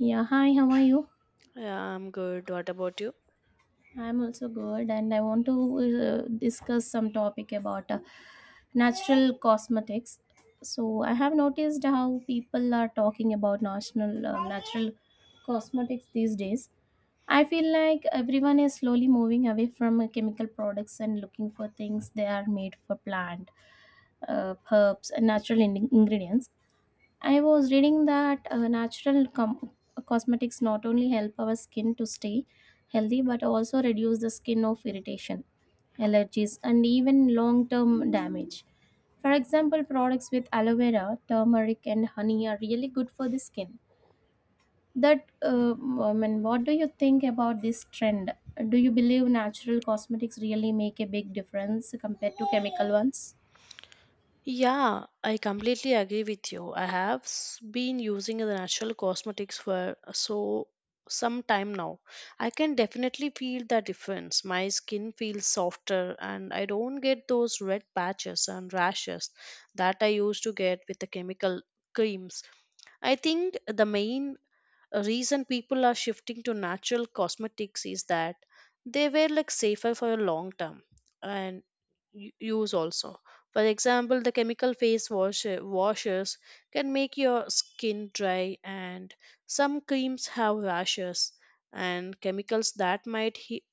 Yeah, hi, how are you? Yeah, I'm good. What about you? I'm also good, and I want to discuss some topic about natural cosmetics. So, I have noticed how people are talking about national natural cosmetics these days. I feel like everyone is slowly moving away from chemical products and looking for things they are made for plant, herbs, and natural ingredients. I was reading that natural cosmetics not only help our skin to stay healthy but also reduce the skin of irritation, allergies, and even long term damage. For example, products with aloe vera, turmeric, and honey are really good for the skin. That, uh, I mean, what do you think about this trend? Do you believe natural cosmetics really make a big difference compared to chemical ones? Yeah, I completely agree with you. I been using the natural cosmetics for some time now. I can definitely feel the difference. My skin feels softer and I don't get those red patches and rashes that I used to get with the chemical creams. I think the main A reason people are shifting to natural cosmetics is that they were like safer for a long term and use also. For example, the chemical face wash washers can make your skin dry, and some creams have rashes and chemicals that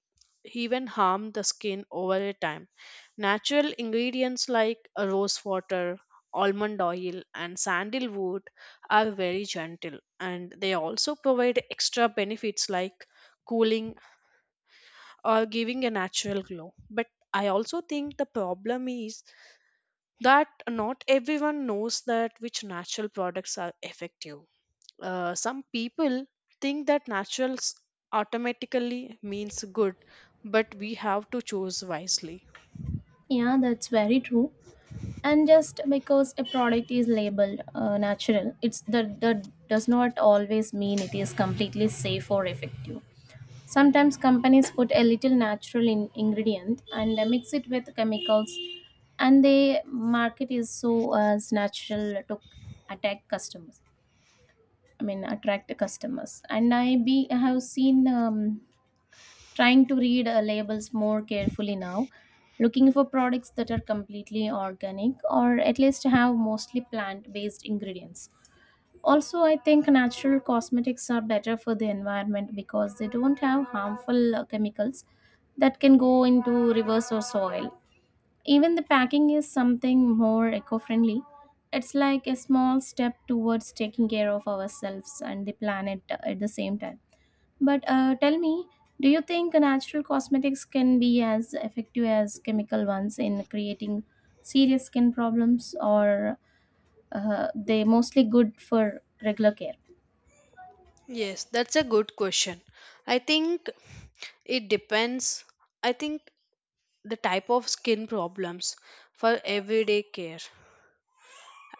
even harm the skin over a time. Natural ingredients like rose water, almond oil, and sandalwood are very gentle and they also provide extra benefits like cooling or giving a natural glow. But I also think the problem is that not everyone knows that which natural products are effective. Some people think that naturals automatically means good, but we have to choose wisely. Yeah, that's very true. And just because a product is labeled natural it's that that does not always mean it is completely safe or effective. Sometimes companies put a little natural in ingredient and mix it with chemicals, and they market is so as natural to attack customers I mean attract customers. And I have seen trying to read labels more carefully now, looking for products that are completely organic or at least have mostly plant based ingredients. Also, I think natural cosmetics are better for the environment because they don't have harmful chemicals that can go into rivers or soil. Even the packing is something more eco friendly. It's like a small step towards taking care of ourselves and the planet at the same time. But tell me, do you think natural cosmetics can be as effective as chemical ones in creating serious skin problems, or they mostly good for regular care? Yes, that's a good question. I think it depends. I think the type of skin problems for everyday care,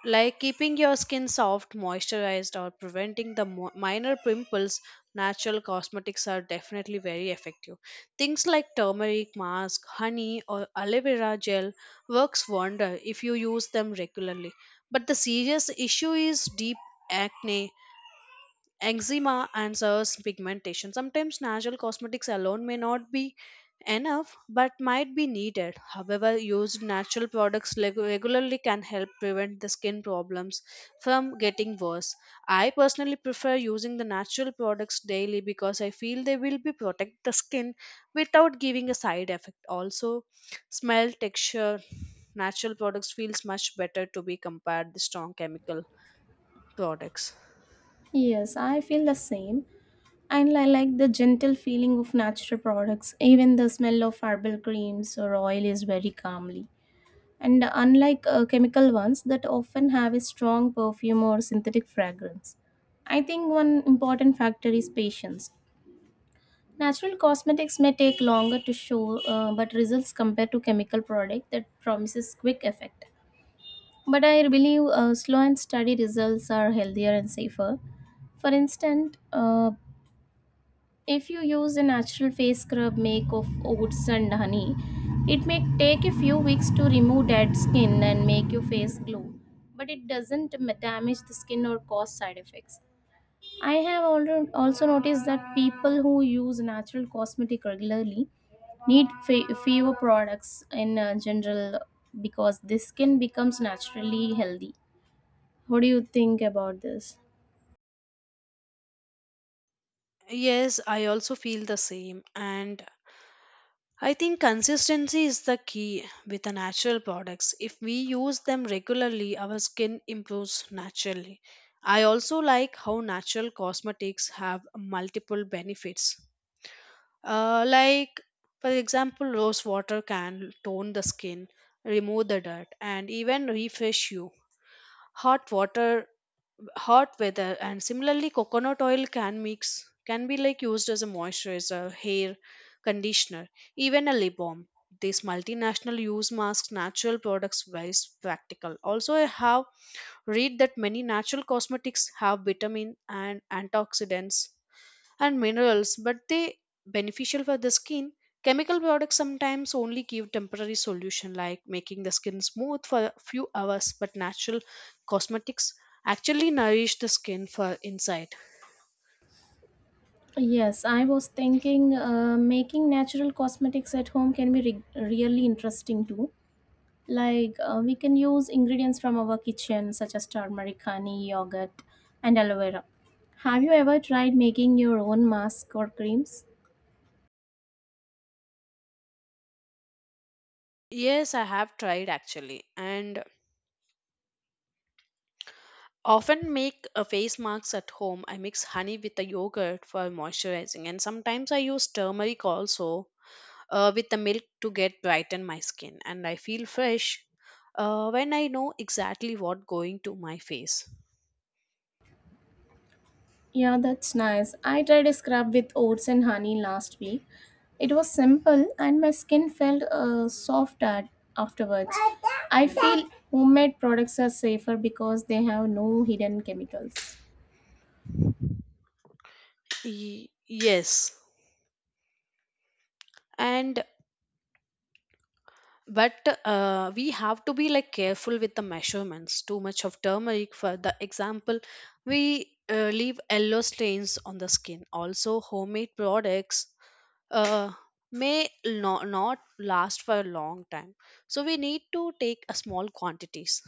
like keeping your skin soft, moisturized, or preventing the minor pimples, natural cosmetics are definitely very effective. Things like turmeric mask, honey, or aloe vera gel works wonder if you use them regularly. But the serious issue is deep acne, eczema, and serous pigmentation. Sometimes natural cosmetics alone may not be enough but might be needed. However, used natural products regularly can help prevent the skin problems from getting worse. I personally prefer using the natural products daily because I feel they will be protect the skin without giving a side effect. Also, smell, texture, natural products feels much better to be compared to strong chemical products. Yes, I feel the same. And I like the gentle feeling of natural products. Even the smell of herbal creams or oil is very calmly. And unlike chemical ones that often have a strong perfume or synthetic fragrance, I think one important factor is patience. Natural cosmetics may take longer to show, but results compared to chemical product that promises quick effect. But I believe slow and steady results are healthier and safer. For instance, if you use a natural face scrub make of oats and honey, it may take a few weeks to remove dead skin and make your face glow, but it doesn't damage the skin or cause side effects. I have also noticed that people who use natural cosmetic regularly need fewer products in general because the skin becomes naturally healthy. What do you think about this? Yes, I also feel the same. And I think consistency is the key with the natural products. If we use them regularly, our skin improves naturally. I also like how natural cosmetics have multiple benefits. Uh, like, for example, rose water can tone the skin, remove the dirt, and even refresh you. Hot water Hot weather, and similarly coconut oil can mix can be like used as a moisturizer, hair conditioner, even a lip balm. These multinational use masks natural products very practical. Also, I have read that many natural cosmetics have vitamin and antioxidants and minerals, but they beneficial for the skin. Chemical products sometimes only give temporary solution like making the skin smooth for a few hours, but natural cosmetics actually nourish the skin for inside. Yes, I was thinking making natural cosmetics at home can be really interesting too. Like we can use ingredients from our kitchen such as turmeric, honey, yogurt, and aloe vera. Have you ever tried making your own mask or creams? Yes, I have tried actually and often make a face masks at home. I mix honey with the yogurt for moisturizing and sometimes I use turmeric also with the milk to get brighten my skin, and I feel fresh when I know exactly what going to my face. Yeah, that's nice. I tried a scrub with oats and honey last week. It was simple and my skin felt soft at afterwards. I feel homemade products are safer because they have no hidden chemicals. Yes, and but we have to be like careful with the measurements. Too much of turmeric for the example, we leave yellow stains on the skin. Also, homemade products uh, may not last for a long time, so we need to take a small quantities.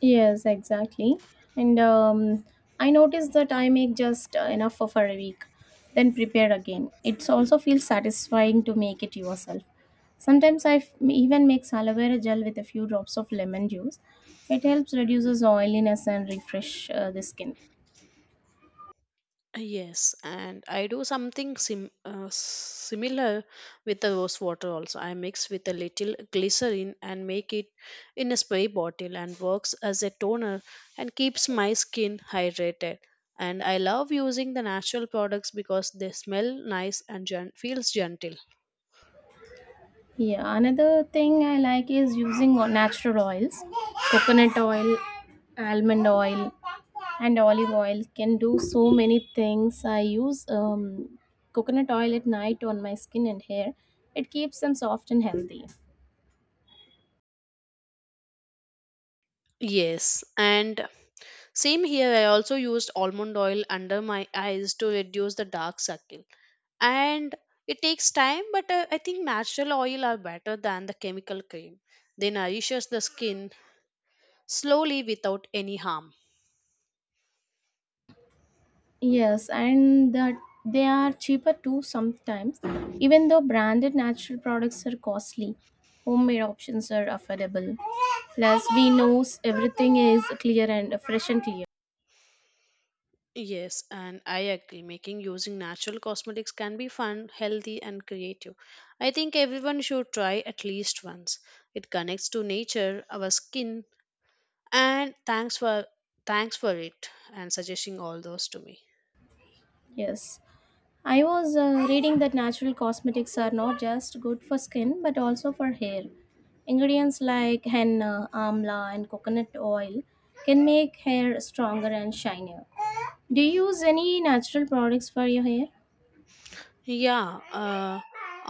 Yes, exactly. And I noticed that I make just enough for a week, then prepare again. It also feels satisfying to make it yourself. Sometimes I even make aloe vera gel with a few drops of lemon juice. It helps reduces oiliness and refresh the skin. Yes, and I do something similar with the rose water also. I mix with a little glycerin and make it in a spray bottle and works as a toner and keeps my skin hydrated. And I love using the natural products because they smell nice and feels gentle. Yeah, another thing I like is using natural oils. Coconut oil, almond oil, and olive oil can do so many things. I use coconut oil at night on my skin and hair. It keeps them soft and healthy. Yes, and same here. I also used almond oil under my eyes to reduce the dark circle, and it takes time but I think natural oil are better than the chemical cream. They nourishes the skin slowly without any harm. Yes, and that they are cheaper too sometimes. Even though branded natural products are costly, homemade options are affordable. Plus, we know everything is clear and fresh and clear. Yes, and I agree, making using natural cosmetics can be fun, healthy, and creative. I think everyone should try at least once. It connects to nature our skin. And thanks for Thanks for it and suggesting all those to me. Yes. I was reading that natural cosmetics are not just good for skin but also for hair. Ingredients like henna, amla, and coconut oil can make hair stronger and shinier. Do you use any natural products for your hair? yeah uh,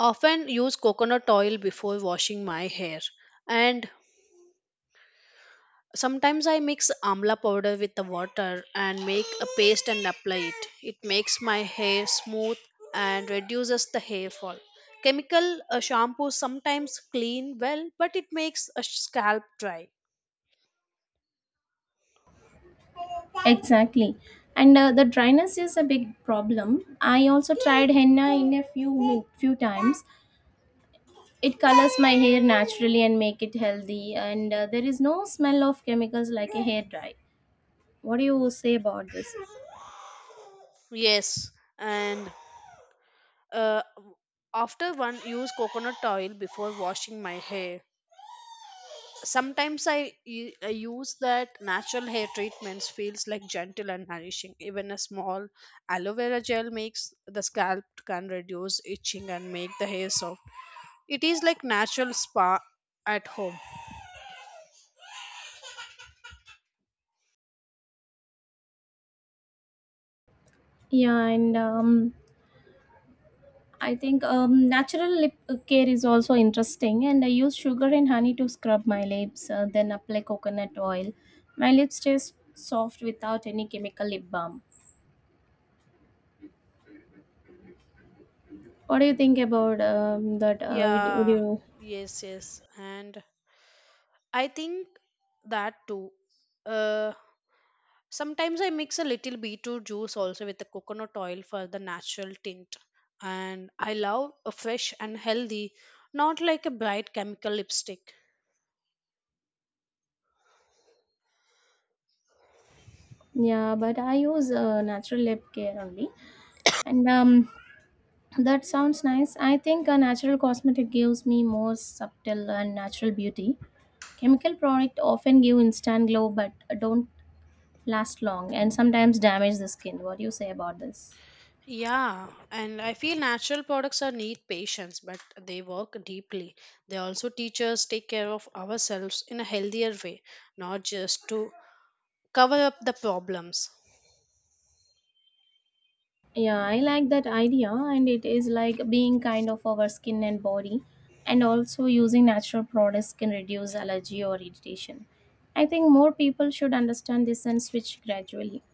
Often use coconut oil before washing my hair. And sometimes I mix amla powder with the water and make a paste and apply it. It makes my hair smooth and reduces the hair fall. Chemical shampoo sometimes clean well, but it makes a scalp dry. Exactly. And the dryness is a big problem. I also tried henna in a few times. It colors my hair naturally and make it healthy, and there is no smell of chemicals like a hair dye. What do you say about this? Yes, and uh, after one use coconut oil before washing my hair, sometimes I use that natural hair treatments feels like gentle and nourishing. Even a small aloe vera gel makes the scalp can reduce itching and make the hair soft. It is like natural spa at home. Yeah, and I think natural lip care is also interesting. And I use sugar and honey to scrub my lips, then apply coconut oil. My lips stay soft without any chemical lip balm. What do you think about that? Would Yeah, you? yes, yes. And I think that too. Uh, Sometimes I mix a little beetroot juice also with the coconut oil for the natural tint. And I love a fresh and healthy, not like a bright chemical lipstick. Yeah, but I use natural lip care only, and that sounds nice. I think a natural cosmetic gives me more subtle and natural beauty. Chemical product often give instant glow but don't last long and sometimes damage the skin. What do you say about this? Yeah, and I feel natural products are need patience, but they work deeply. They also teach us take care of ourselves in a healthier way, not just to cover up the problems. Yeah, I like that idea, and it is like being kind of our skin and body, and also using natural products can reduce allergy or irritation. I think more people should understand this and switch gradually.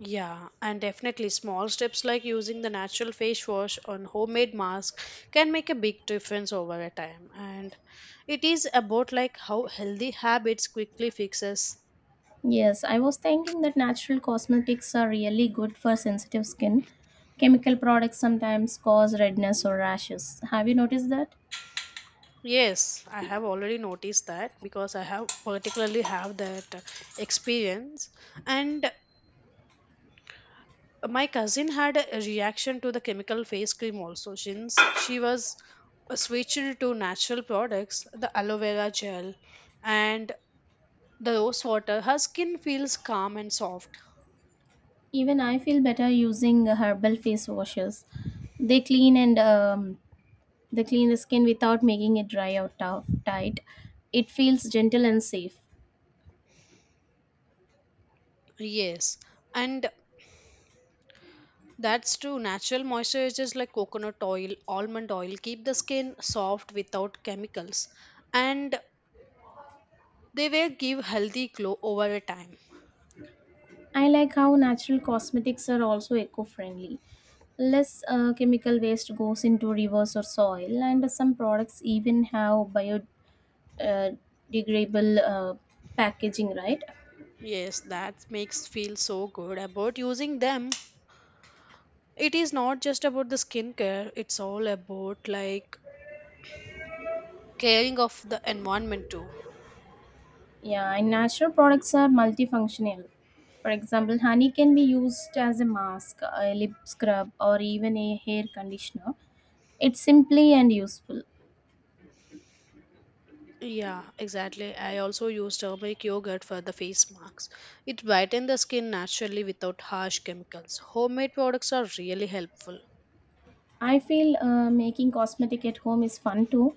Yeah, and definitely small steps like using the natural face wash on homemade mask can make a big difference over a time. And it is about like how healthy habits quickly fixes. Yes, I was thinking that natural cosmetics are really good for sensitive skin. Chemical products sometimes cause redness or rashes. Have you noticed that? Yes, I have already noticed that because I have particularly have that experience. And my cousin had a reaction to the chemical face cream also. Since she was switched to natural products, the aloe vera gel, and the rose water, her skin feels calm and soft. Even I feel better using herbal face washes. They clean and they clean the skin without making it dry or tight. It feels gentle and safe. Yes, and that's true, natural moisturizers like coconut oil, almond oil keep the skin soft without chemicals, and they will give healthy glow over a time. I like how natural cosmetics are also eco-friendly. Less chemical waste goes into rivers or soil, and some products even have biodegradable uh, degradable, packaging, right? Yes, that makes feel so good about using them. It is not just about the skincare, it's all about like caring of the environment too. Yeah, and natural products are multifunctional. For example, honey can be used as a mask, a lip scrub, or even a hair conditioner. It's simply and useful. Yeah, exactly. I also use turmeric yogurt for the face marks. It brightens the skin naturally without harsh chemicals. Homemade products are really helpful. I feel making cosmetic at home is fun too.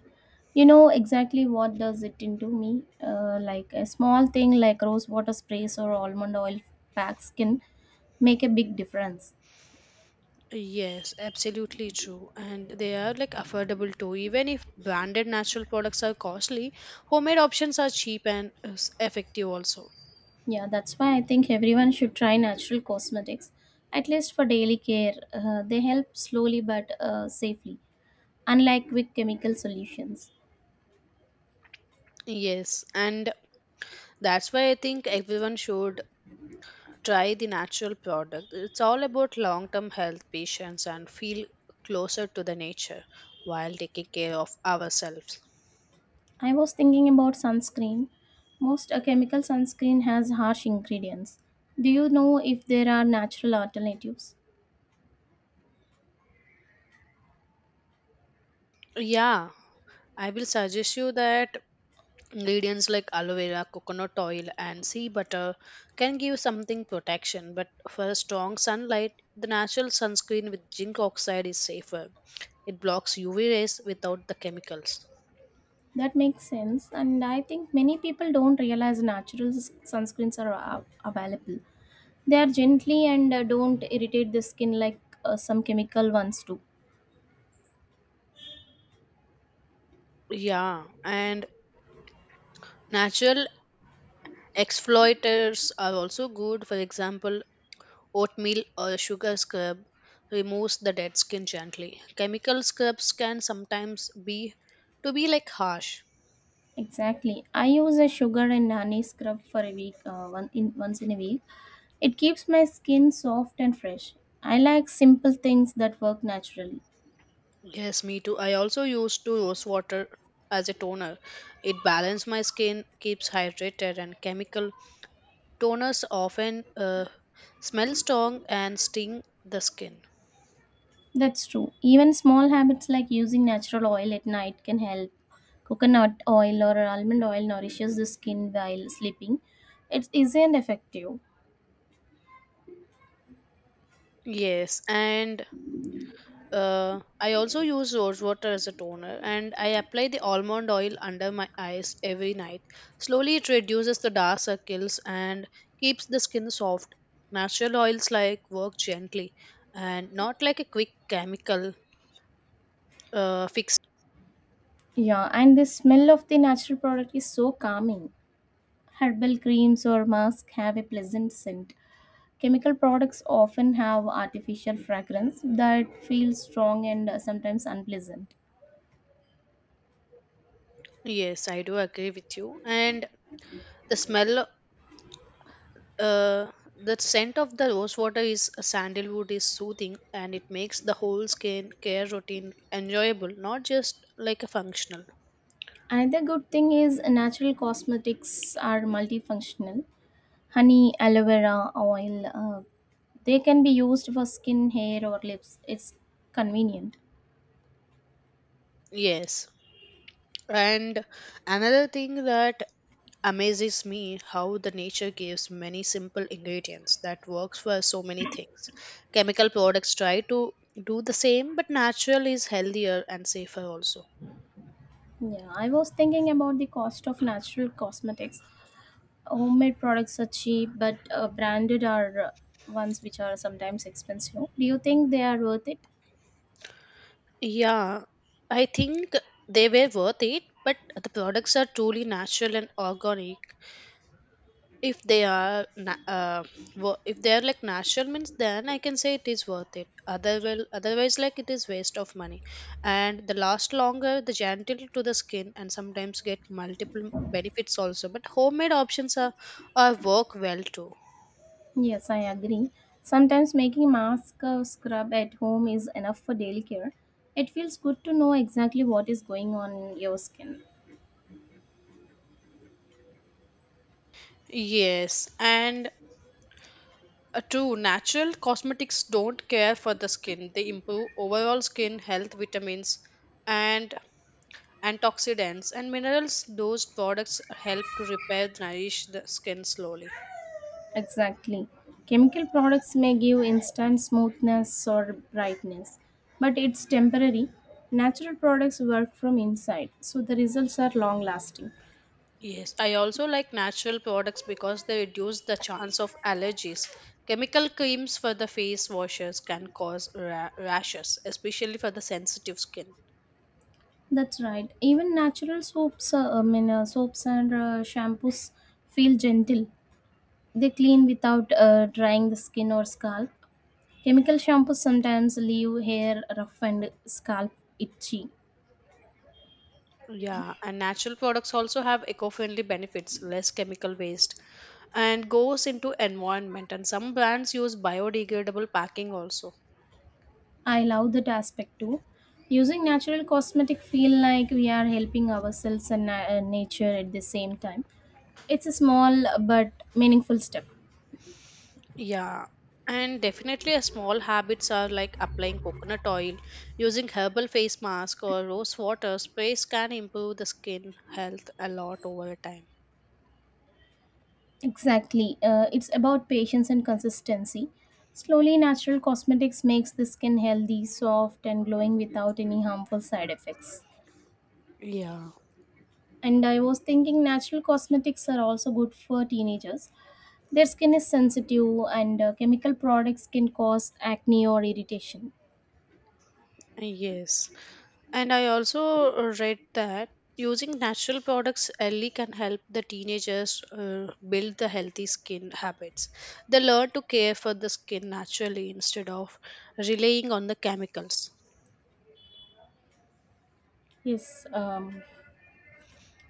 You know exactly what does it into me. Like a small thing like rose water sprays or almond oil packed skin make a big difference. Yes, absolutely true. And they are like affordable too. Even if branded natural products are costly, homemade options are cheap and effective also. Yeah, that's why I think everyone should try natural cosmetics, at least for daily care. They help slowly but safely, unlike quick chemical solutions. Yes, and that's why I think everyone should try the natural product. It's all about long term health, patience, and feel closer to the nature while taking care of ourselves. I was thinking about sunscreen. Most chemical sunscreen has harsh ingredients. Do you know if there are natural alternatives? Yeah, I will suggest you that ingredients like aloe vera, coconut oil, and sea butter can give something protection, but for strong sunlight, the natural sunscreen with zinc oxide is safer. It blocks UV rays without the chemicals. That makes sense, and I think many people don't realize natural sunscreens are available. They are gently and don't irritate the skin like some chemical ones do. Yeah, and natural exfoliators are also good. For example, oatmeal or sugar scrub removes the dead skin gently. Chemical scrubs can sometimes be to be like harsh. Exactly. I use a sugar and honey scrub for a week, one in once in a week. It keeps my skin soft and fresh. I like simple things that work naturally. Yes, me too. I also use to rose water as a toner. It balances my skin, keeps hydrated, and chemical toners often smell strong and sting the skin. That's true. Even small habits like using natural oil at night can help. Coconut oil or almond oil nourishes the skin while sleeping. It's easy and effective. Yes, and I also use rose water as a toner and I apply the almond oil under my eyes every night. Slowly, it reduces the dark circles and keeps the skin soft. Natural oils like work gently and not like a quick chemical fix. Yeah, and the smell of the natural product is so calming. Herbal creams or masks have a pleasant scent. Chemical products often have artificial fragrance that feels strong and sometimes unpleasant. Yes, I do agree with you. And the smell, uh, the scent of the rose water is sandalwood is soothing and it makes the whole skin care routine enjoyable, not just like a functional. Another good thing is natural cosmetics are multifunctional. Honey, aloe vera, oil, they can be used for skin, hair, or lips. It's convenient. Yes. And another thing that amazes me how the nature gives many simple ingredients that works for so many things. Chemical products try to do the same, but natural is healthier and safer also. Yeah, I was thinking about the cost of natural cosmetics. Homemade products are cheap, but branded are ones which are sometimes expensive. Do you think they are worth it? Yeah, I think they were worth it, but the products are truly natural and organic. If they are na- wo- If they are like natural means, then I can say it is worth it. Otherwise, like, it is waste of money. And the last longer, the gentle to the skin, and sometimes get multiple benefits also. But homemade options are work well too. Yes, I agree. Sometimes making mask or scrub at home is enough for daily care. It feels good to know exactly what is going on your skin. Yes, and true, natural cosmetics don't care for the skin. They improve overall skin health. Vitamins, and antioxidants and minerals, those products help to repair nourish the skin slowly. Exactly. Chemical products may give instant smoothness or brightness, but it's temporary. Natural products work from inside, so the results are long lasting. Yes, I also like natural products because they reduce the chance of allergies. Chemical creams for the face washes can cause rashes, especially for the sensitive skin. That's right. Even natural soaps and shampoos feel gentle. They clean without drying the skin or scalp. Chemical shampoos sometimes leave hair rough and scalp itchy. Yeah, and natural products also have eco-friendly benefits. Less chemical waste and goes into environment, and some brands use biodegradable packing also. I love that aspect too. Using natural cosmetic feel like we are helping ourselves and nature at the same time. It's a small but meaningful step. Yeah, and definitely a small habits are like applying coconut oil, using herbal face mask or rose water sprays can improve the skin health a lot over a time. Exactly. It's about patience and consistency. Slowly, natural cosmetics makes the skin healthy, soft, and glowing without any harmful side effects. Yeah. And I was thinking natural cosmetics are also good for teenagers. Their skin is sensitive, and chemical products can cause acne or irritation. Yes. And I also read that using natural products early can help the teenagers build the healthy skin habits. They learn to care for the skin naturally instead of relying on the chemicals. Yes,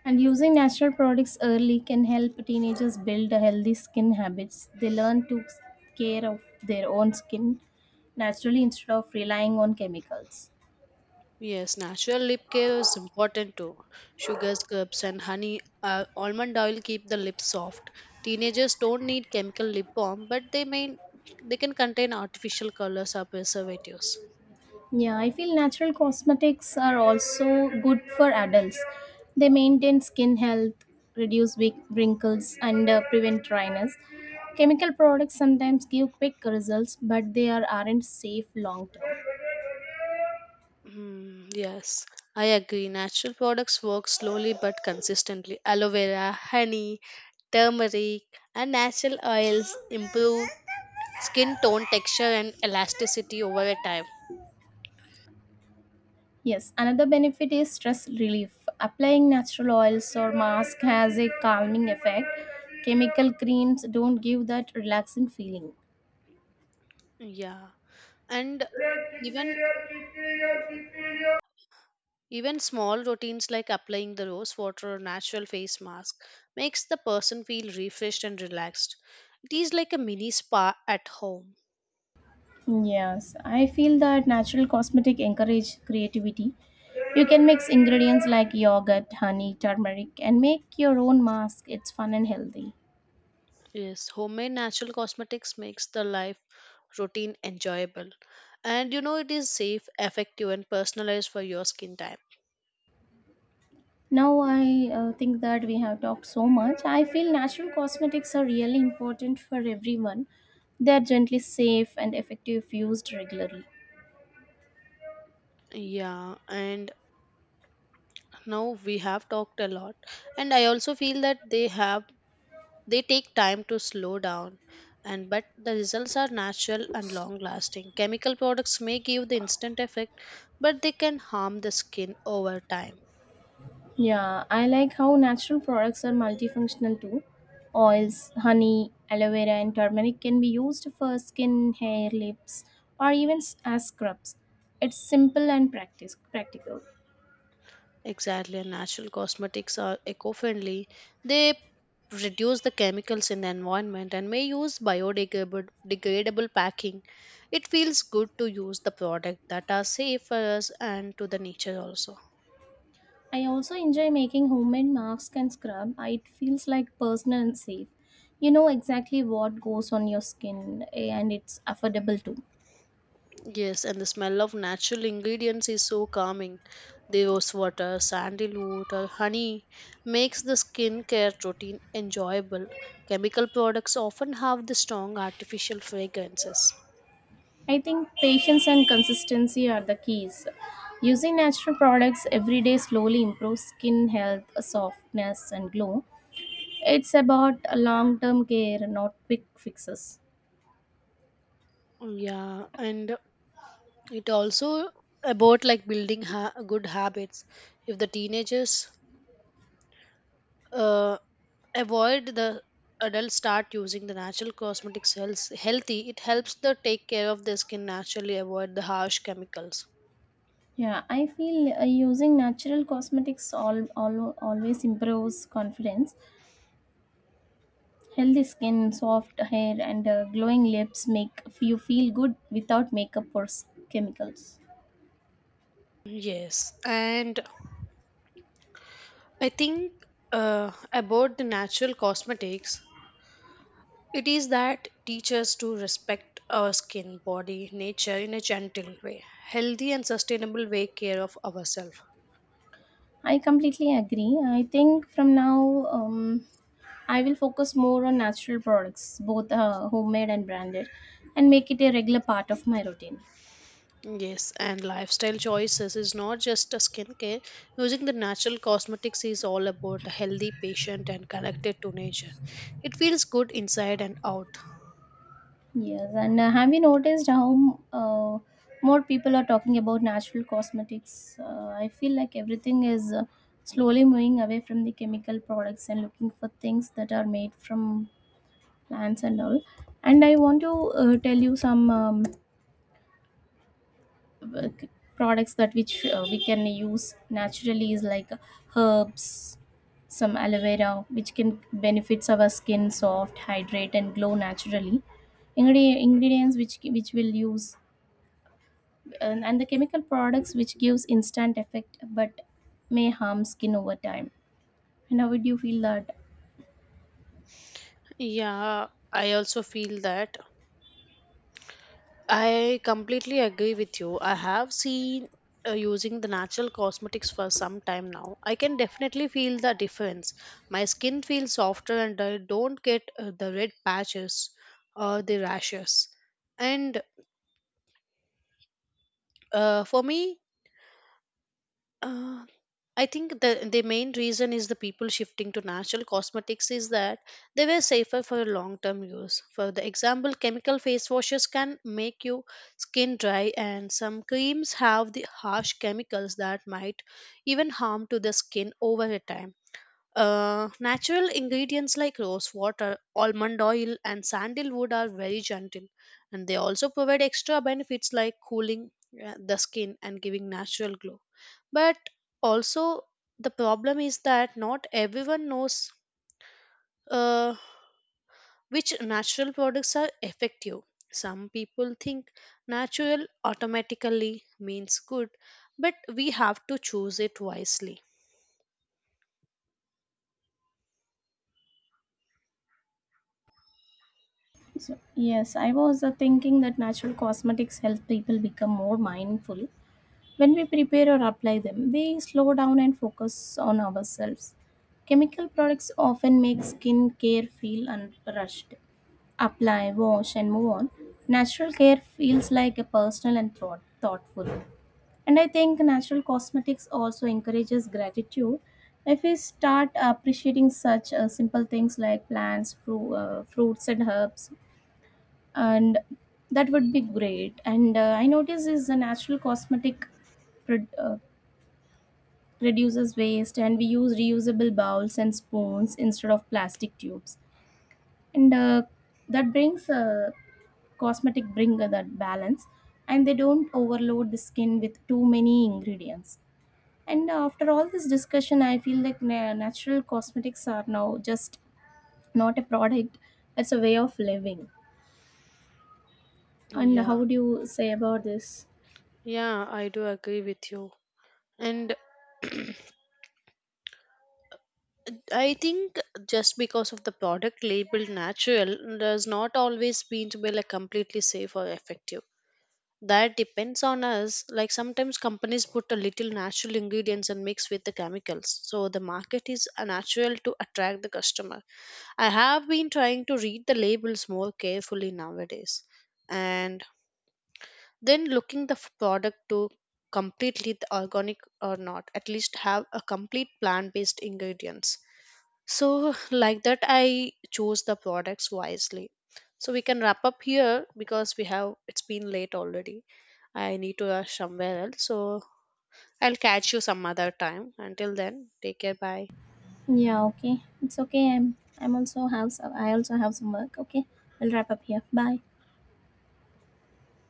and using natural products early can help teenagers build a healthy skin habits. They learn to care of their own skin naturally instead of relying on chemicals. Yes, natural lip care is important too. Sugar scrubs and honey, almond oil keep the lips soft. Teenagers don't need chemical lip balm, but they can contain artificial colors or preservatives. Yeah, I feel natural cosmetics are also good for adults. They maintain skin health, reduce wrinkles, and prevent dryness. Chemical products sometimes give quick results, but aren't safe long term. Mm, yes, I agree. Natural products work slowly but consistently. Aloe vera, honey, turmeric, and natural oils improve skin tone, texture, and elasticity over a time. Yes, another benefit is stress relief. Applying natural oils or mask has a calming effect. Chemical creams don't give that relaxing feeling. Yeah, and even Even small routines like applying the rose water or natural face mask makes the person feel refreshed and relaxed. It is like a mini spa at home. Yes, I feel that natural cosmetic encourage creativity. You can mix ingredients like yogurt, honey, turmeric and make your own mask. It's fun and healthy. Yes, homemade natural cosmetics makes the life routine enjoyable. And you know it is safe, effective and personalized for your skin type. Now I think that we have talked so much. I feel natural cosmetics are really important for everyone. They are gently safe and effective if used regularly. Yeah, and now we have talked a lot and I also feel that they take time to slow down and but the results are natural and long lasting. Chemical products may give the instant effect, but they can harm the skin over time. Yeah, I like how natural products are multifunctional too. Oils, honey, aloe vera, and turmeric can be used for skin, hair, lips, or even as scrubs. It's simple and practice practical. Exactly, and natural cosmetics are eco-friendly. They reduce the chemicals in the environment and may use biodegradable degradable packing. It feels good to use the product that are safe for us and to the nature also. I also enjoy making homemade masks and scrub. It feels like personal and safe. You know exactly what goes on your skin, eh, and it's affordable too. Yes, and the smell of natural ingredients is so calming. The Rose water, sandalwood, or honey makes the skincare routine enjoyable. Chemical products often have the strong artificial fragrances. I think patience and consistency are the keys. Using natural products every day slowly improves skin health, softness, and glow. It's about long term care, not quick fixes. Yeah, and it also about like building good habits. If the teenagers uh, avoid the adults start using the natural cosmetics healthy, it helps the take care of their skin naturally, avoid the harsh chemicals. Yeah, I feel using natural cosmetics always improves confidence. Healthy skin, soft hair, and glowing lips make you feel good without makeup or chemicals. Yes, and I think about the natural cosmetics, it is that teach us to respect our skin, body, nature in a gentle way, healthy and sustainable way, care of ourselves. I completely agree. I think from now, I will focus more on natural products, both homemade and branded, and make it a regular part of my routine. Yes, and lifestyle choices is not just a skincare. Using the natural cosmetics is all about a healthy patient and connected to nature. It feels good inside and out. Yes, and have you noticed how more people are talking about natural cosmetics? I feel like everything is slowly moving away from the chemical products and looking for things that are made from plants and all. And I want to tell you some uh, products that which we can use naturally is like herbs, some aloe vera which can benefits our skin soft hydrate and glow naturally. Ingredients which will use, and the chemical products which gives instant effect but may harm skin over time. And how would you feel that? Yeah, I also feel that I completely agree with you. I have seen using the natural cosmetics for some time now. I can definitely feel the difference. My skin feels softer and I don't get the red patches or the rashes. And for me, Uh, I think the main reason is the people shifting to natural cosmetics is that they were safer for long term use. For the example, chemical face washes can make your skin dry, and some creams have the harsh chemicals that might even harm to the skin over a time. Natural ingredients like rose water, almond oil, and sandalwood are very gentle, and they also provide extra benefits like cooling the skin and giving natural glow. But also, the problem is that not everyone knows uh, which natural products are effective. Some people think natural automatically means good, but we have to choose it wisely. So, yes, I was thinking that natural cosmetics help people become more mindful. When we prepare or apply them, we slow down and focus on ourselves. Chemical products often make skin care feel rushed. Apply, wash, and move on. Natural care feels like a personal and thoughtful. And I think natural cosmetics also encourages gratitude. If we start appreciating such simple things like plants, fruits, and herbs, and that would be great. And I notice is the natural prod- uh, reduces waste and we use reusable bowls and spoons instead of plastic tubes, and that brings cosmetic bring that balance, and they don't overload the skin with too many ingredients. And after all this discussion I feel like natural cosmetics are now just not a product, it's a way of living. And Yeah, how would you say about this? yeah, I do agree with you. And I think just because of the product labeled natural does not always mean to be like completely safe or effective. That depends on us. Like sometimes companies put a little natural ingredients and mix with the chemicals. So the market is a natural to attract the customer. I have been trying to read the labels more carefully nowadays. And then looking the product to completely the organic or not, at least have a complete plant based ingredients so, like that, I chose the products wisely. So, we can wrap up here because we have it's been late already. I need to rush somewhere else. So, I'll catch you some other time. Until then, take care. Bye. Yeah, okay, it's okay, I also have some work. Okay, we'll wrap up here. Bye.